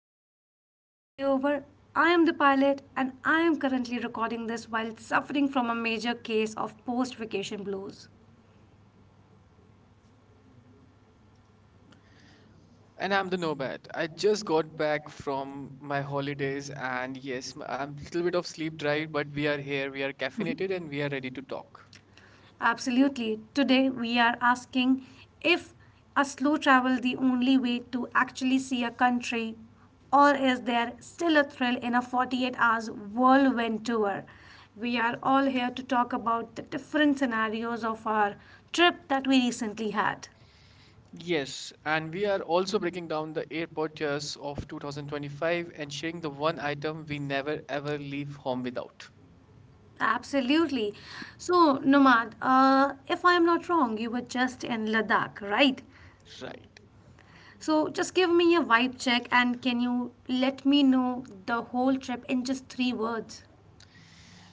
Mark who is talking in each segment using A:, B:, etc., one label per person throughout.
A: everyone. Welcome to the layover. I am the pilot, and I am currently recording this while suffering from a major case of post vacation blues.
B: And I'm the nomad. I just got back from my holidays, and yes, I'm a little bit of sleep deprived, but we are here, we are caffeinated, and we are ready to talk.
A: Absolutely. Today, we are asking if a slow travel the only way to actually see a country, or is there still a thrill in a 48 hours whirlwind tour? We are all here to talk about the different scenarios of our trip that we recently had.
B: Yes, and we are also breaking down the airport years of 2025 and sharing the one item we never ever leave home without.
A: Absolutely. So, Nomad, if I am not wrong, you were just in Ladakh, right?
B: Right.
A: So, just give me a vibe check and can you let me know the whole trip in just three words?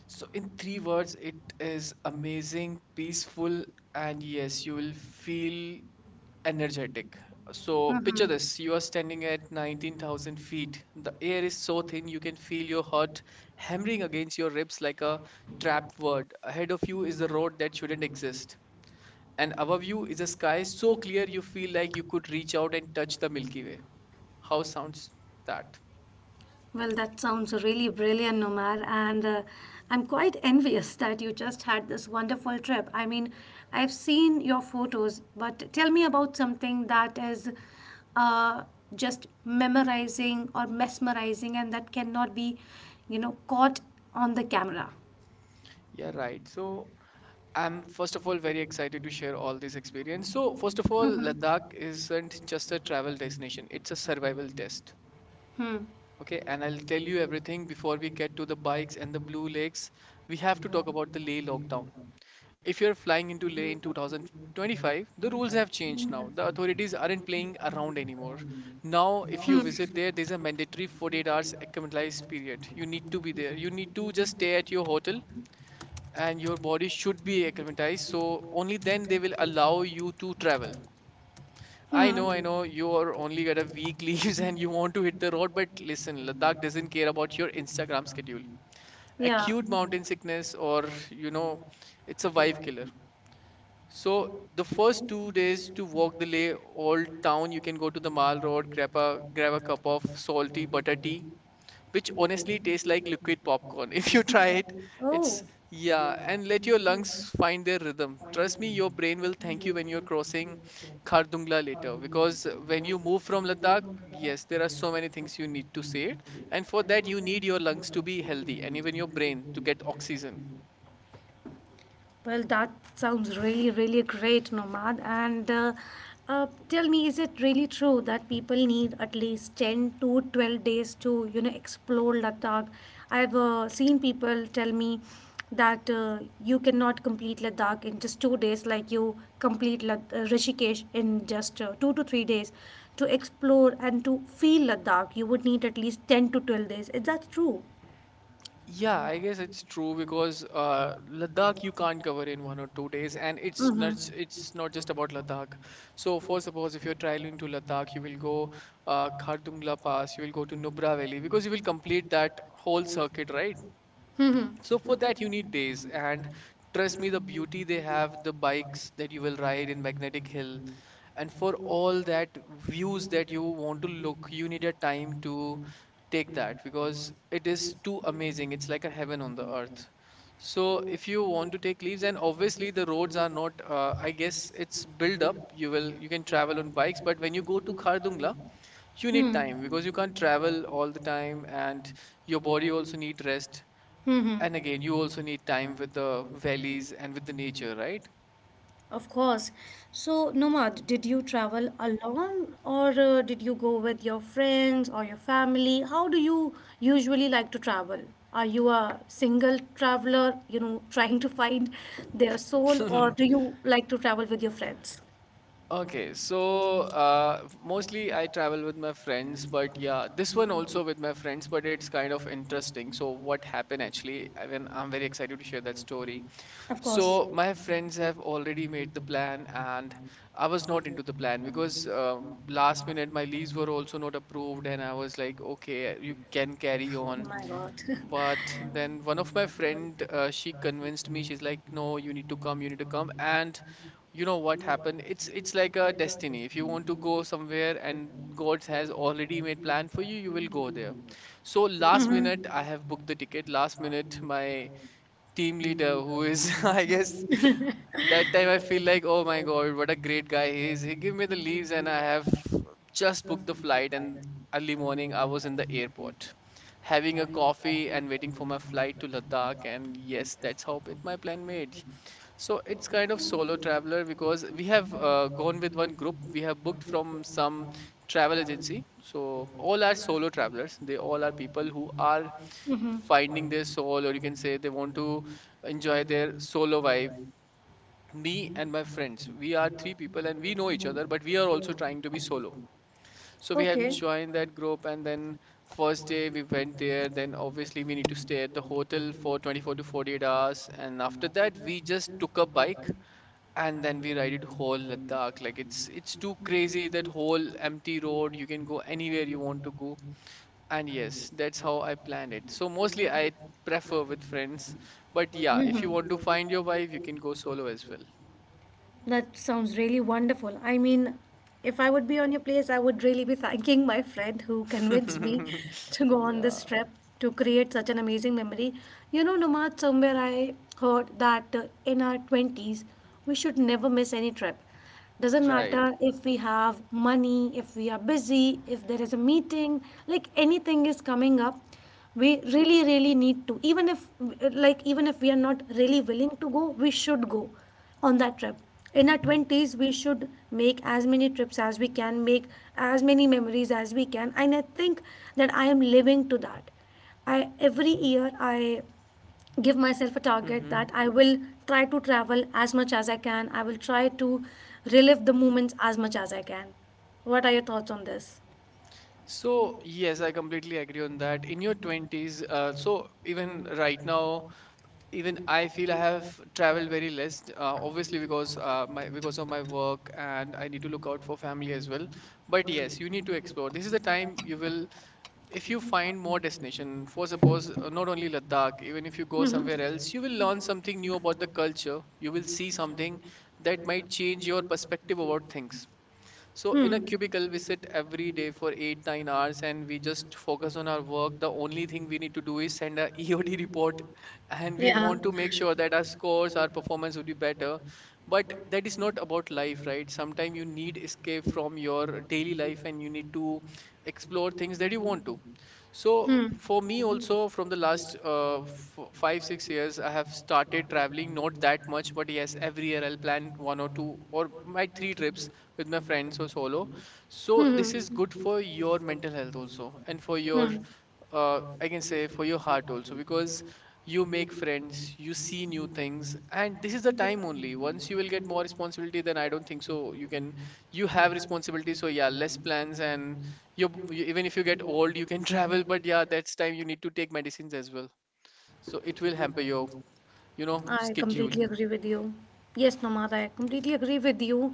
B: So, in three words, it is amazing, peaceful, and yes, you will feel energetic. So picture
A: hmm
B: this, you are standing at 19,000 feet. The air is so thin you can feel your heart hammering against your ribs like a trap word. Ahead of you is a road that shouldn't exist. And above you is a sky so clear you feel like you could reach out and touch the Milky Way. How sounds that?
A: Well, that sounds really brilliant, Nomar, and I'm quite envious that you just had this wonderful trip. I mean, I've seen your photos, but tell me about something that is uh, just memorizing or mesmerizing and that cannot be, caught on the camera.
B: Yeah, right. So I'm first of all very excited to share all this experience. So first of all,
A: Mhm.
B: Ladakh isn't just a travel destination, it's a survival test.
A: Hmm.
B: Okay, and I'll tell you everything before we get to the bikes and the Blue Lakes. We have to talk about the Leh lockdown. If you're flying into Leh in 2025, the rules have changed now. The authorities aren't playing around anymore. Now, if you visit there, there's a mandatory 48 hours acclimatized period. You need to be there. You need to just stay at your hotel and your body should be acclimatized. So only then they will allow you to travel.
A: Hmm.
B: I know, you are only got a week leaves and you want to hit the road, but listen, Ladakh doesn't care about your Instagram schedule.
A: Yeah.
B: Acute mountain sickness, or it's a vibe killer. So the first 2 days to walk the Leh Old Town, you can go to the Mall Road, grab a cup of salty butter tea, which honestly tastes like liquid popcorn. If you try it,
A: Oh,
B: it's yeah, and let your lungs find their rhythm. Trust me, your brain will thank you when you're crossing Khardungla later because when you move from Ladakh, yes, there are so many things you need to say it, and for that you need your lungs to be healthy and even your brain to get oxygen.
A: well, that sounds really, really great, Nomad. And tell me, is it really true that people need at least 10 to 12 days to, you know, explore Ladakh? I've seen people tell me that you cannot complete Ladakh in just 2 days, like you complete Rishikesh in just 2 to 3 days. To explore and to feel Ladakh, you would need at least 10 to 12 days. Is that true?
B: Yeah, I guess it's true because Ladakh you can't cover in 1 or 2 days, and it's not
A: Mm-hmm.
B: it's not just about Ladakh. So, for suppose if you're traveling to Ladakh, you will go Khardungla Pass, you will go to Nubra Valley because you will complete that whole circuit, right?
A: Mm-hmm.
B: So for that you need days, and trust me, the beauty they have, the bikes that you will ride in Magnetic Hill, and for all that views that you want to look, you need a time to take that because it is too amazing. It's like a heaven on the earth. So if you want to take leaves, and obviously the roads are not, I guess it's built up. You can travel on bikes, but when you go to Khardungla, you need
A: Hmm.
B: time because you can't travel all the time, and your body also need rest.
A: Hmm.
B: And again, you also need time with the valleys and with the
A: Hmm.
B: nature, right?
A: Of course. So, Nomad, did you travel alone or did you go with your friends or your family? How do you usually like to travel? Are you a single traveler, you know, trying to find their soul, or do you like to travel with your friends?
B: Okay, so mostly I travel with my friends, but yeah, this one also with my friends, but it's kind of interesting. So what happened actually, I mean, I'm very excited to share that story.
A: Of
B: So my friends have already made the plan, and I was not into the plan because last minute my leaves were also not approved, and I was like, okay, you can carry on. But then one of my friend, she convinced me. She's like, "No, you need to come. You need to come." And you know what happened? It's like a destiny. If you want to go somewhere and God has already made plan for you, you will go there. So last minute, I have booked the ticket. Last minute, my team leader who is, I guess, that time I feel like, oh my God, what a great guy he is. He gave me the leaves, and I have just booked the flight. And early morning, I was in the airport having a coffee and waiting for my flight to Ladakh. And yes, that's how it, my plan made. So it's kind of solo traveler because we have gone with one group. We have booked from some travel agency. So all are solo travelers. They all are people who are
A: Mm-hmm.
B: finding their soul, or you can say they want to enjoy their solo vibe. Me and my friends, we are three people and we know each other, but we are also trying to be solo. So we
A: So
B: have joined that group, and then first day we went there. Then obviously we need to stay at the hotel for 24 to 48 hours, and after that we just took a bike and then we ride it whole Ladakh. Like it's too crazy that whole empty road. You can go anywhere you want to go. And yes, that's how I plan it. So mostly I prefer with friends. But yeah, if you
A: Mhm.
B: want to find your wife, you can go solo as well.
A: That sounds really wonderful. I mean, if I would be on your place, I would really be thanking my friend who convinced me to go on
B: Yeah,
A: this trip to create such an amazing memory. You know, Nomad, somewhere I heard that in our 20s, we should never miss any trip. Doesn't
B: right.
A: matter if we have money, if we are busy, if there is a meeting, like anything is coming up, we really, really need to. Even if, like, even if we are not really willing to go, we should go on that trip. In our 20s, we should make as many trips as we can, make as many memories as we can. And I think that I am living to that. I Every year I give myself a target
B: Hmm.
A: that I will try to travel as much as I can. I will try to relive the moments as much as I can. What are your thoughts on this?
B: So yes, I completely agree on that. In your 20s, so even right now even I feel I have traveled very less, obviously because my because of my work and I need to look out for family as well. But yes, you need to explore. This is the time you will, if you find more destination. For suppose not only Ladakh, even if you go somewhere else, you will learn something new about the culture. You will see something that might change your perspective about things. So in a cubicle, we sit every day for eight, 9 hours and we just focus on our work. The only thing we need to do is send a EOD report and we want to make sure that our scores, our performance would be better. But that is not about life, right? Sometimes you need escape from your daily life and you need to explore things that you want to. So
A: Hmm.
B: for me also, from the last f five, 6 years, I have started traveling, not that much, but yes, every year I'll plan one or two or my three trips with my friends or solo. So this is
A: Hmm.
B: good for your mental health also, and for your,
A: Hmm.
B: I can say for your heart also, because you make friends, you see new things, and this is the time only. Once you will get more responsibility, then I don't think so. You can, you have responsibility, so yeah, less plans, and you even if you get old, you can travel, but yeah, that's time you need to take medicines as well. So it will hamper your,
A: I
B: schedule.
A: completely agree with you. Yes, Nomad, I completely agree with you.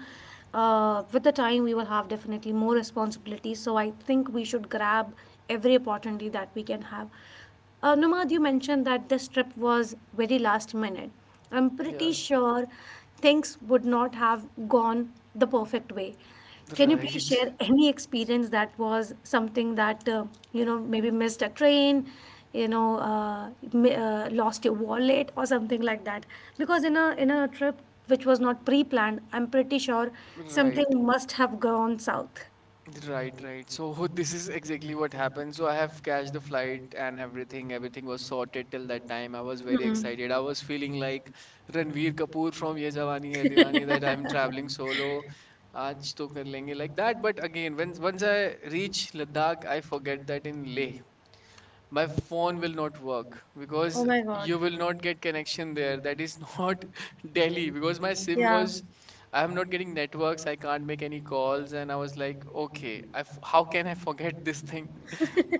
A: With the time, we will have definitely more responsibilities. So I think we should grab every opportunity that we can have. Nomad, you mentioned that this trip was very last minute. I'm
B: Yeah,
A: pretty sure things would not have gone the perfect way. Can you please
B: right,
A: share any experience that was something that, maybe missed a train, lost your wallet or something like that? Because in a trip which was not pre-planned, I'm pretty sure
B: right.
A: something must have gone south.
B: Right, right. So this is exactly what happened. So I have catched the flight and everything. Everything was sorted till that time. I was very
A: Mm.
B: excited. I was feeling like Ranveer Kapoor from Ye Jawani Hai Diwani that I'm traveling solo. Aaj to kar lenge like that. But again, when once I reach Ladakh, I forget that in Leh my phone will not work because
A: Oh my god.
B: you will not get connection there. That is not Delhi because my SIM
A: Yeah.
B: was, I am not getting networks, I can't make any calls. And I was like, okay, I f how can I forget this thing?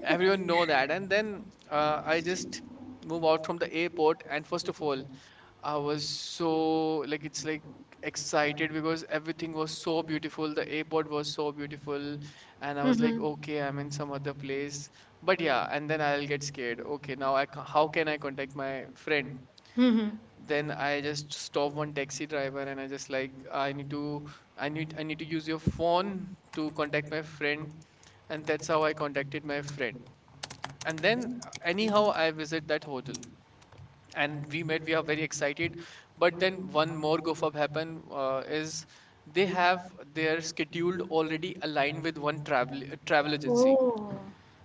B: Everyone know that. And then I just move out from the airport. And first of all, I was so like it's like excited because everything was so beautiful. The airport was so beautiful, and I was like,
A: Mm-hmm.
B: okay, I'm in some other place. But yeah, and then I'll get scared. Okay, now how can I contact my friend?
A: Mm-hmm.
B: Then I just stop one taxi driver and I just like I need to use your phone to contact my friend, and that's how I contacted my friend. And then anyhow I visit that hotel and we are very excited, but then one more goof up happen, is they have their scheduled already aligned with one travel travel agency,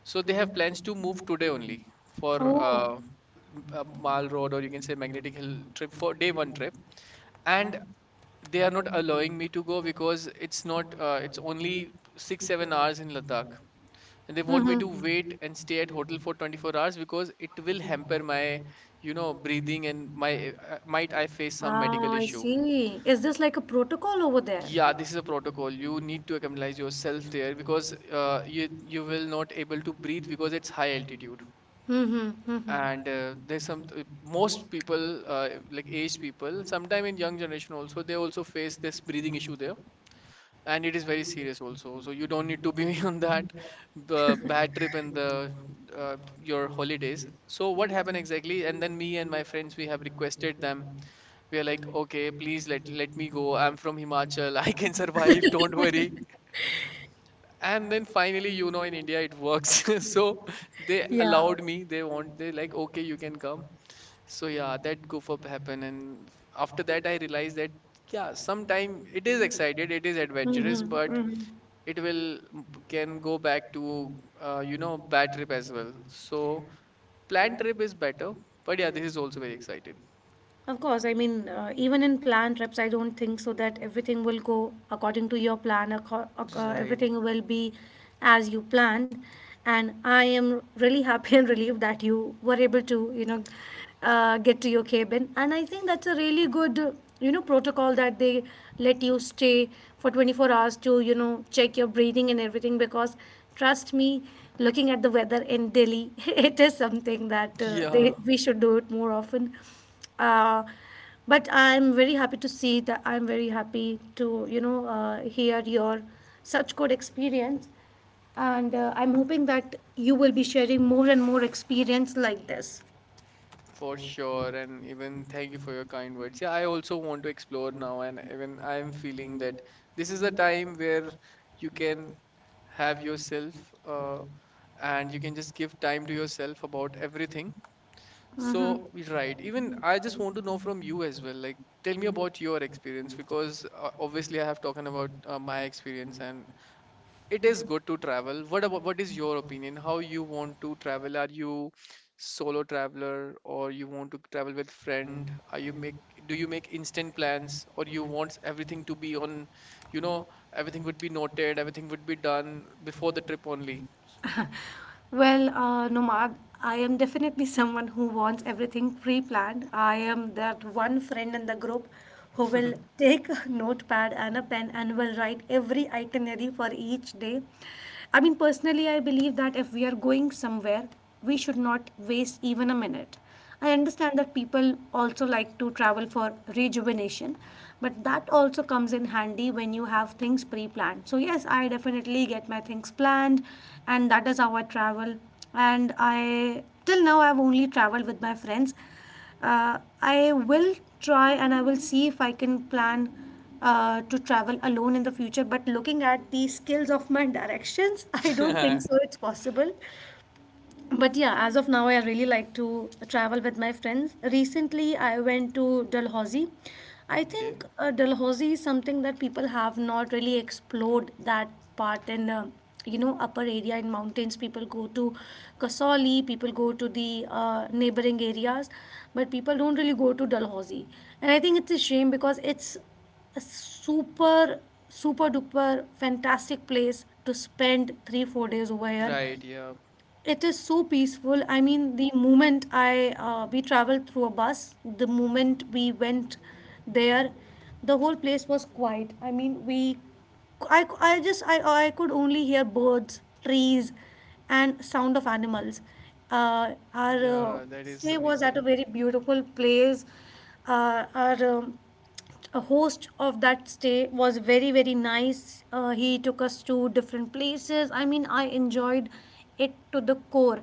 B: so they have plans to move today only for Mall Road, or you can say Magnetic Hill trip for day one trip. And they are not allowing me to go because it's not it's only 6 7 hours in Ladakh, and they want me
A: Mhm.
B: to wait and stay at hotel for 24 hours because it will hamper my you know breathing and my might I face some medical issue.
A: See. Is this like a protocol over there?
B: Yeah, this is a protocol. You need to acclimatize yourself there because you will not able to breathe because it's high altitude.
A: Mm-hmm,
B: And
A: mm-hmm.
B: there's some most people, like aged people, sometime in young generation also, they also face this breathing issue there, and it is very serious also, so you don't need to be on that bad trip in the your holidays. So what happened exactly, and then me and my friends, we have requested them. We are like, okay, please let me go, I'm from Himachal, I can survive, don't worry. And then finally, you know, in India it works. So they
A: Yeah.
B: allowed me, they want, they like, okay, you can come. So yeah, that goof up happened, and after that I realized that yeah, sometime it is excited, it is adventurous,
A: Mm-hmm,
B: but
A: mm-hmm.
B: it will can go back to, you know, bad trip as well. So planned trip is better, but yeah, this is also very excited.
A: Of course, I mean, even in planned trips, I don't think so that everything will go according to your plan.
B: Right.
A: Everything will be as you planned. And I am really happy and relieved that you were able to, you know, get to your cabin. And I think that's a really good, protocol that they let you stay for 24 hours to, you know, check your breathing and everything. Because trust me, looking at the weather in Delhi, it is something that
B: Yeah,
A: we should do it more often uh, but I'm very happy to see that. I'm very happy to, hear your such good experience, and I'm hoping that you will be sharing more and more experience like this.
B: for sure. And even thank you for your kind words. Yeah, I also want to explore now, and even I'm feeling that this is a time where you can have yourself, and you can just give time to yourself about everything. So, right, even
A: Mm-hmm.
B: I just want to know from you as well. Like, tell me about your experience, because obviously I have talking about my experience, and it is good to travel. What about what is your opinion? How you want to travel? Are you solo traveler, or you want to travel with friend? Are you make Do you make instant plans, or you want everything to be on, you know, everything would be noted, everything would be done before the trip only.
A: Well, Nomad, I am definitely someone who wants everything pre planned. I am that one friend in the group who will take a notepad and a pen and will write every itinerary for each day. I mean, personally, I believe that if we are going somewhere, we should not waste even a minute. I understand that people also like to travel for rejuvenation, but that also comes in handy when you have things pre planned. So, yes, I definitely get my things planned, and that is how I travel. And I, till now, I've only traveled with my friends. I will try and I will see if I can plan to travel alone in the future. But looking at the skills of my directions, I don't think so. It's possible, but yeah, as of now, I really like to travel with my friends. Recently, I went to Dalhousie. I
B: Okay.
A: think Dalhousie is something that people have not really explored that part in, upper area in mountains. People go to Kasauli, people go to the neighboring areas, but people don't really go to Dalhousie. And I think it's a shame because it's a super super duper fantastic place to spend 3 4 days over here.
B: Right, yeah.
A: It is so peaceful. I mean, the moment I we traveled through a bus, the moment we went there, the whole place was quiet. I mean, we, I just I could only hear birds, trees, and sound of animals. Our
B: Yeah, that is
A: stay was at a
B: amazing.
A: very beautiful place. Our A host of that stay was very very nice. He took us to different places. I mean, I enjoyed it to the core.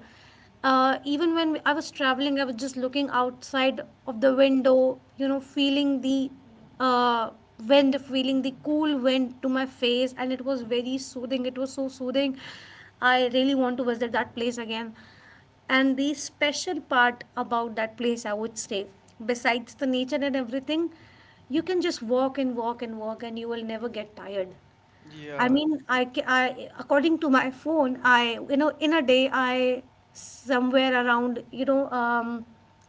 A: Even when I was traveling, I was just looking outside of the window, you know, feeling the uh, wind, feeling the cool wind to my face, and it was very soothing. It was so soothing. I really want to visit that place again, and the special part about that place, I would say, besides the nature and everything, you can just walk and walk and walk, and you will never get tired. I
B: Yeah,
A: mean, I, ca- I according to my phone, I you know, in a day I, somewhere around,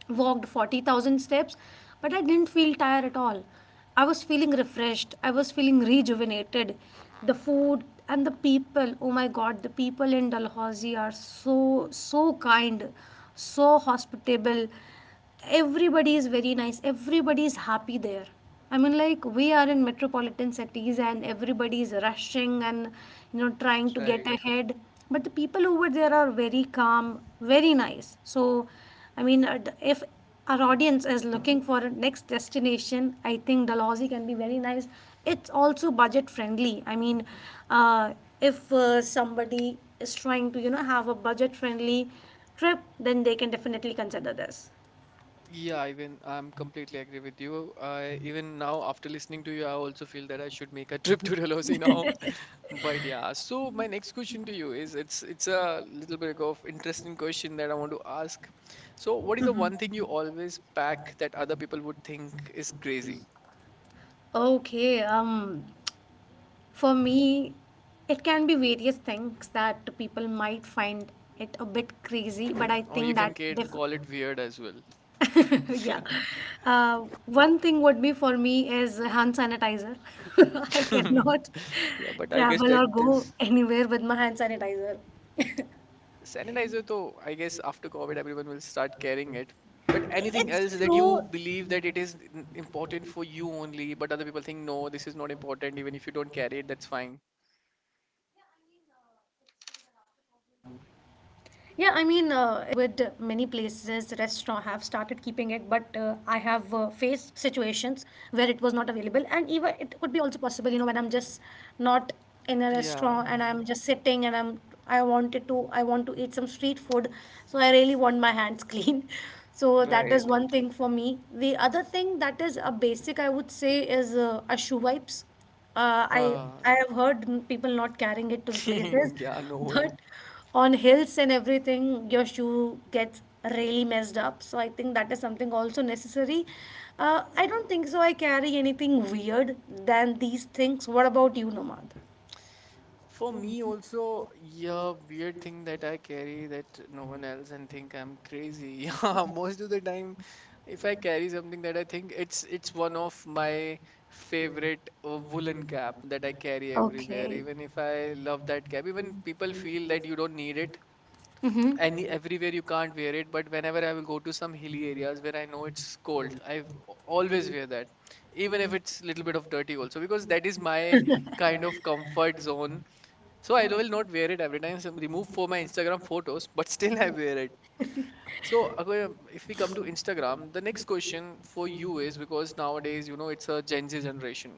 A: walked 40,000 steps, but I didn't feel tired at all. I was feeling refreshed. I was feeling rejuvenated. The food and the people. Oh my God, the people in Dalhousie are so so kind, so hospitable. Everybody is very nice. Everybody is happy there. I mean, like, we are in metropolitan cities and everybody is rushing and, you know, trying to get
B: right.
A: ahead, but the people over there are very calm, very nice. So I mean, if our audience is looking for a next destination, I think Dalhousie can be very nice. It's also budget friendly. I mean, uh, if somebody is trying to, you know, have a budget friendly trip, then they can definitely consider this.
B: Yeah, even I'm completely agree with you. I even now, after listening to you, I also feel that I should make a trip to Dalhousie now. But yeah, so my next question to you is, it's a little bit of interesting question that I want to ask. So what is the one thing you always pack that other people would think is crazy?
A: Okay, for me, it can be various things that people might find it a bit crazy, but I
B: Or you
A: think
B: can
A: that diff
B: call it weird as well.
A: yeah.
B: Yeah.
A: One thing would be for me is hand sanitizer. I cannot
B: Yeah, but I guess
A: travel
B: that
A: or go
B: is
A: anywhere with my hand sanitizer.
B: sanitizer, though, I guess after COVID, everyone will start carrying it. But anything else that
A: It's
B: you believe
A: true.
B: that it is important for you only, but other people think, no, this is not important. Even if you don't carry it, that's fine.
A: Yeah, I mean, would many places restaurant have started keeping it, but I have faced situations where it was not available, and even it could be also possible, you know, when I'm just not
B: Yeah,
A: in a restaurant and I'm just sitting and I'm I wanted to I want to eat some street food, so I really want my hands clean. So that is
B: right.
A: one thing for me. The other thing that is a basic, I would say, is ashu wipes. uh, I
B: Uh,
A: I have heard people not carrying it to the places,
B: yeah, no one.
A: but on hills and everything, your shoe gets really messed up. So I think that is something also necessary. I don't think so. I carry anything weird than these things. What about you, Nomad?
B: For me also, yeah, weird thing that I carry that no one else and think I'm crazy. Yeah, most of the time, if I carry something that I think it's one of my favorite woolen cap that I carry everywhere.
A: Okay.
B: Even if I love that cap, even people feel that you don't need it.
A: Mm-hmm.
B: Any everywhere you can't wear it, but whenever I will go to some hilly areas where I know it's cold, I always wear that, even if it's little bit of dirty also, because that is my kind of comfort zone. So I will not wear it every time. So remove for my Instagram photos, but still I wear it. So if we come to Instagram, the next question for you is, because nowadays you know it's a Gen Z generation.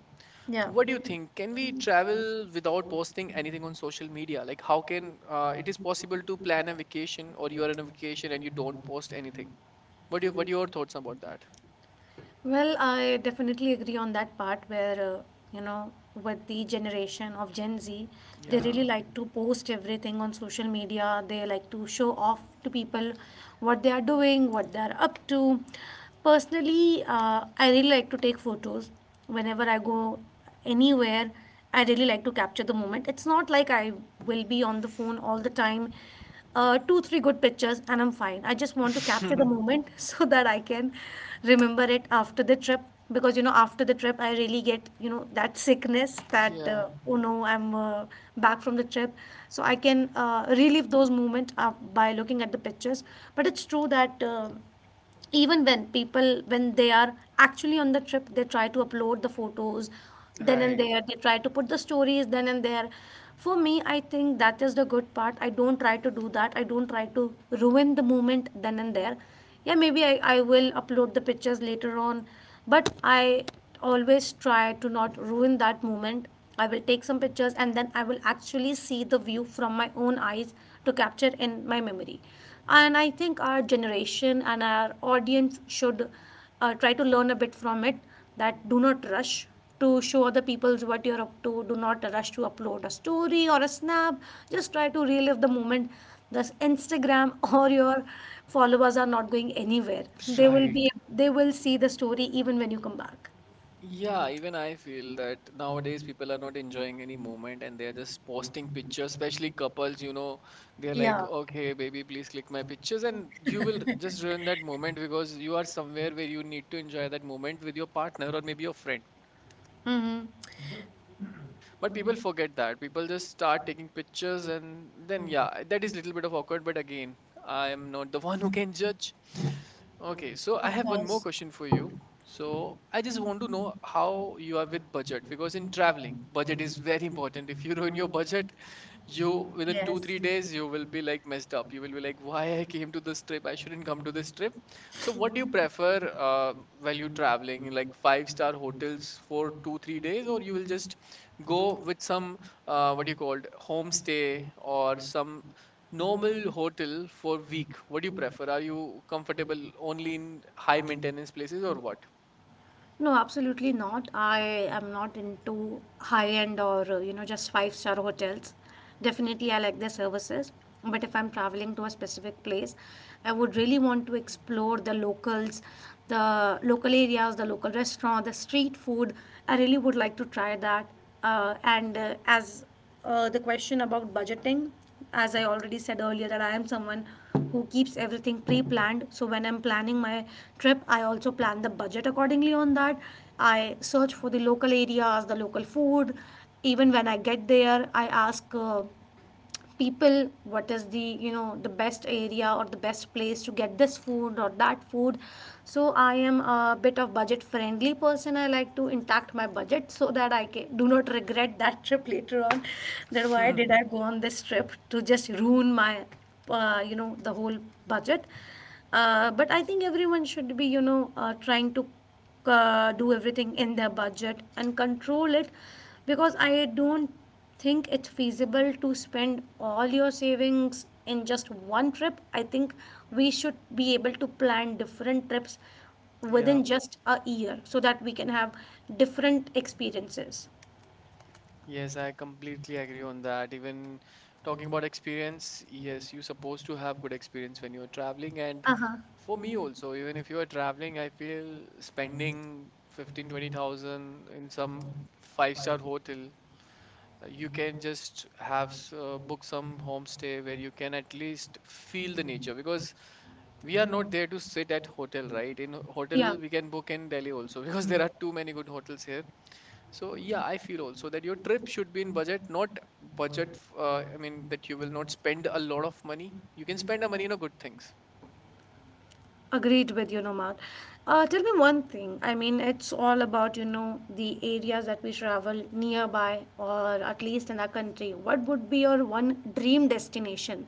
B: What do you think? Can we travel without posting anything on social media? Like, how can
A: Yeah.
B: it is possible to plan a vacation, or you are on a vacation and you don't post anything? What do you, what are your thoughts about that?
A: Well, I definitely agree on that part where, you know, with the generation of Gen Z, they
B: Yeah.
A: really like to post everything on social media. They like to show off to people what they are doing, what they are up to. Personally, I really like to take photos whenever I go anywhere. I really like to capture the moment. It's not like I will be on the phone all the time. Two, three good pictures and I'm fine. I just want to capture the moment so that I can remember it after the trip, because you know after the trip I really get, you know, that sickness, that
B: Yeah,
A: oh no, I'm back from the trip. So I can relive those moments by looking at the pictures. But it's true that even when people, when they are actually on the trip, they try to upload the photos then and
B: right,
A: there, they try to put the stories then and there. For me, I think that is the good part. I don't try to do that. I don't try to ruin the moment then and there. Yeah, maybe I will upload the pictures later on, but I always try to not ruin that moment. I will take some pictures and then I will actually see the view from my own eyes, to capture in my memory. And I think our generation and our audience should try to learn a bit from it. That, do not rush to show other people what you're up to. Do not rush to upload a story or a snap. Just try to relive the moment. Thus Instagram or your followers are not going anywhere. They will be,
B: right.
A: they will see the story even when you come back.
B: Yeah, even I feel that nowadays people are not enjoying any moment, and they're just posting pictures, especially couples, you know, they're like,
A: Yeah.
B: okay, baby, please click my pictures. And you will just ruin that moment because you are somewhere where you need to enjoy that moment with your partner, or maybe your friend.
A: Mm-hmm.
B: But people forget that. People just start taking pictures, and then yeah, that is little bit of awkward. But again, I am not the one who can judge. Okay, so I
A: Of
B: have one more
A: course.
B: question for you. So I just want to know how you are with budget, because in traveling, budget is very important. If you ruin your budget, you within 2 3 days you will be like messed up, you will be like, why I came to this trip, I shouldn't come to this trip. So what do you prefer, while you're traveling, like five-star hotels for 2 3 days, or you will just go with some, what do you call it, homestay, or some normal hotel for week? What do you prefer? Are you comfortable only in high maintenance places, or what?
A: No, absolutely not. I am not into high-end or, you know, just five-star hotels. Definitely, I like their services. But if I'm traveling to a specific place, I would really want to explore the locals, the local areas, the local restaurant, the street food. I really would like to try that. And as the question about budgeting, as I already said earlier, that I am someone who keeps everything pre-planned. So when I'm planning my trip, I also plan the budget accordingly. On that, I search for the local areas, the local food. Even when I get there, I ask, people, what is the, you know, the best area or the best place to get this food or that food. So I am a bit of budget friendly person. I like to intact my budget so that I can, do not regret that trip later on, that why did I go on this trip to just ruin my you know, the whole budget. But I think everyone should be, you know, trying to do everything in their budget and control it. Because I don't think it's feasible to spend all your savings in just one trip. I think we should be able to plan different trips
B: Yeah.
A: within just a year so that we can have different experiences.
B: Yes, I completely agree on that. Even talking about experience, yes, you're supposed to have good experience when you're traveling. And
A: Uh huh.
B: for me also, even if you are traveling, I feel spending 15, 20,000 in some five-star hotel, you can just have book some homestay where you can at least feel the nature, because we are not there to sit at hotel, right? In
A: Yeah.
B: hotel, we can book in Delhi also. Because there are too many good hotels here. So yeah, I feel also that your trip should be in budget, not budget. I mean that you will not spend a lot of money. You can spend the money on good things.
A: Agreed with you, Nomad. Tell me one thing. I mean, it's all about, you know, the areas that we travel nearby or at least in our country. What would be your one dream destination?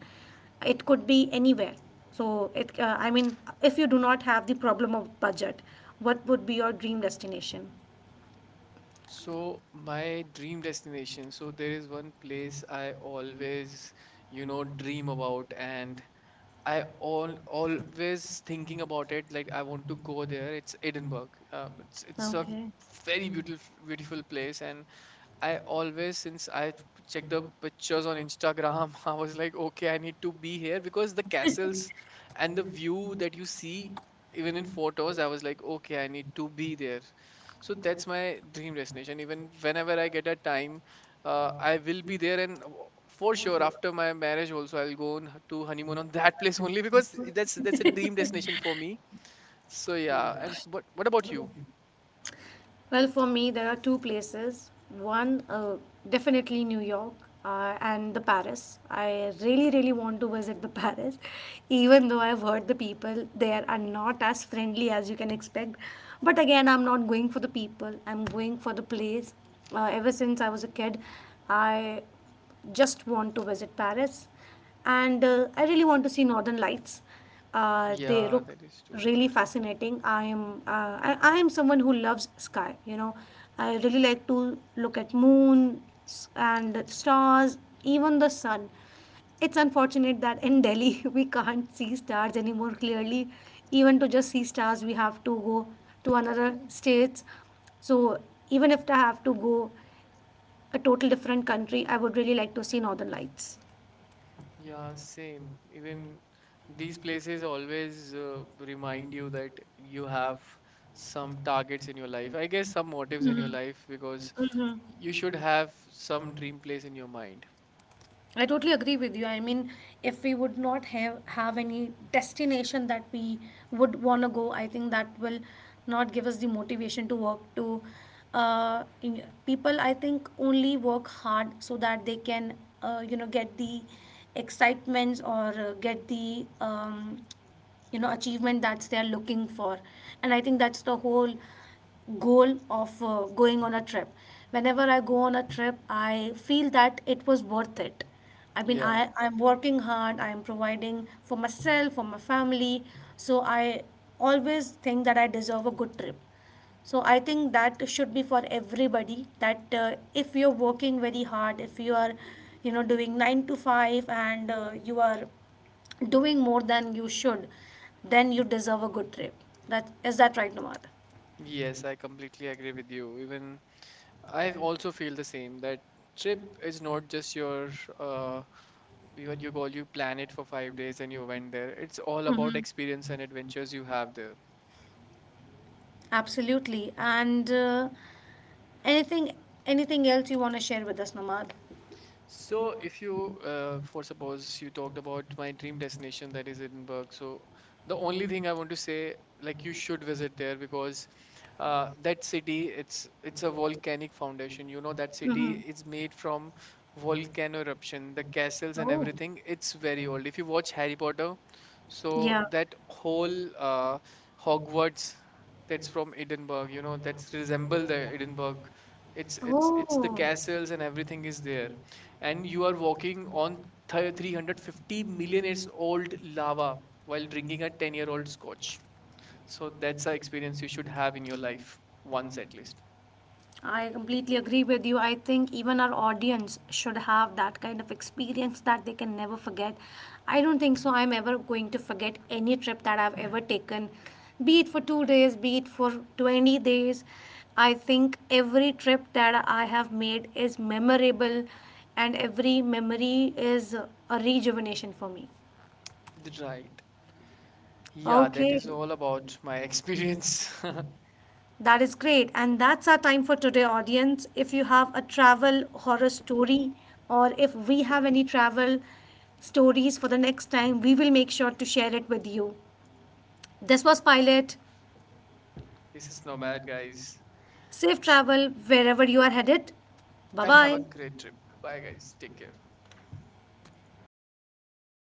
A: It could be anywhere. I mean, if you do not have the problem of budget, what would be your dream destination?
B: So my dream destination. So there is one place I always, you know, dream about, and I all always thinking about it. Like, I want to go there. It's Edinburgh. It's a very beautiful place, and I always, since I checked the pictures on Instagram, I was like, okay, I need to be here, because the castles and the view that you see, even in photos, I was like, okay, I need to be there. So that's my dream destination. Even whenever I get a time, I will be there. And for sure, after my marriage also, I'll go on to honeymoon on that place only, because that's a dream destination for me. So yeah. And but what about you?
A: Well, for me, there are two places. One, definitely New York and the Paris. I really, really want to visit the Paris, even though I've heard the people there are not as friendly as you can expect. But again, I'm not going for the people. I'm going for the place. Ever since I was a kid, I just want to visit Paris, and I really want to see Northern Lights. They
B: Yeah,
A: look
B: that is too good.
A: really fascinating. I am someone who loves sky. You know, I really like to look at and stars, even the sun. It's unfortunate that in Delhi we can't see stars anymore clearly. Even to just see stars, we have to go to another states. So even if I have to go a total different country, I would really like to see Northern Lights.
B: Yeah, same. Even these places always remind you that you have some targets in your life. I guess some motives in your
A: Mm-hmm.
B: life, because
A: Mm-hmm.
B: you should have some dream place in your mind.
A: I totally agree with you. I mean, if we would not have any destination that we would want to go, I think that will not give us the motivation to work to, people, I think, only work hard so that they can you know, get the excitements or get the you know, achievement that they are looking for. And I think that's the whole goal of going on a trip. Whenever I go on a trip, I feel that it was worth it. I mean,
B: Yeah.
A: I'm working hard. I am providing for myself, for my family. So I always think that I deserve a good trip. So I think that should be for everybody. That if you're working very hard, if you are, you know, doing nine to five, and you are doing more than you should, then you deserve a good trip. That is that right, Nomad?
B: Yes, I completely agree with you. Even I also feel the same, that trip is not just your uh what you call, you plan it for 5 days and you went there. It's all about
A: Mm-hmm.
B: experience and adventures you have there.
A: Absolutely. And anything anything else you want to share with us, Namad?
B: So, if you, for suppose you talked about my dream destination that is Edinburgh, so the only thing I want to say, like, you should visit there, because that city, it's a volcanic foundation, you know, that city
A: Mm-hmm.
B: is made from volcano eruption. The castles and
A: Oh,
B: everything, it's very old. If you watch Harry Potter, so
A: yeah.
B: that whole Hogwarts, that's from Edinburgh, you know, that's resemble the Edinburgh. It's the castles and everything is there, and you are walking on th 350 million years old lava while drinking a 10-year-old
A: Oh,
B: scotch. So that's an experience you should have in your life once at least.
A: I completely agree with you. I think even our audience should have that kind of experience that they can never forget. I don't think so I'm ever going to forget any trip that I've ever taken, be it for two days, be it for 20 days. I think every trip that I have made is memorable, and every memory is a rejuvenation for me.
B: Right. Yeah, that is
A: Okay.
B: all about my experience.
A: That is great. And that's our time for today, audience. If you have a travel horror story or if we have any travel stories for the next time, we will make sure to share it with you. This was Pilot.
B: This is Nomad, guys.
A: Safe
B: S-
A: travel wherever you are headed.
B: And have a
A: Bye
B: great trip. Bye, guys. Take care.
A: bye.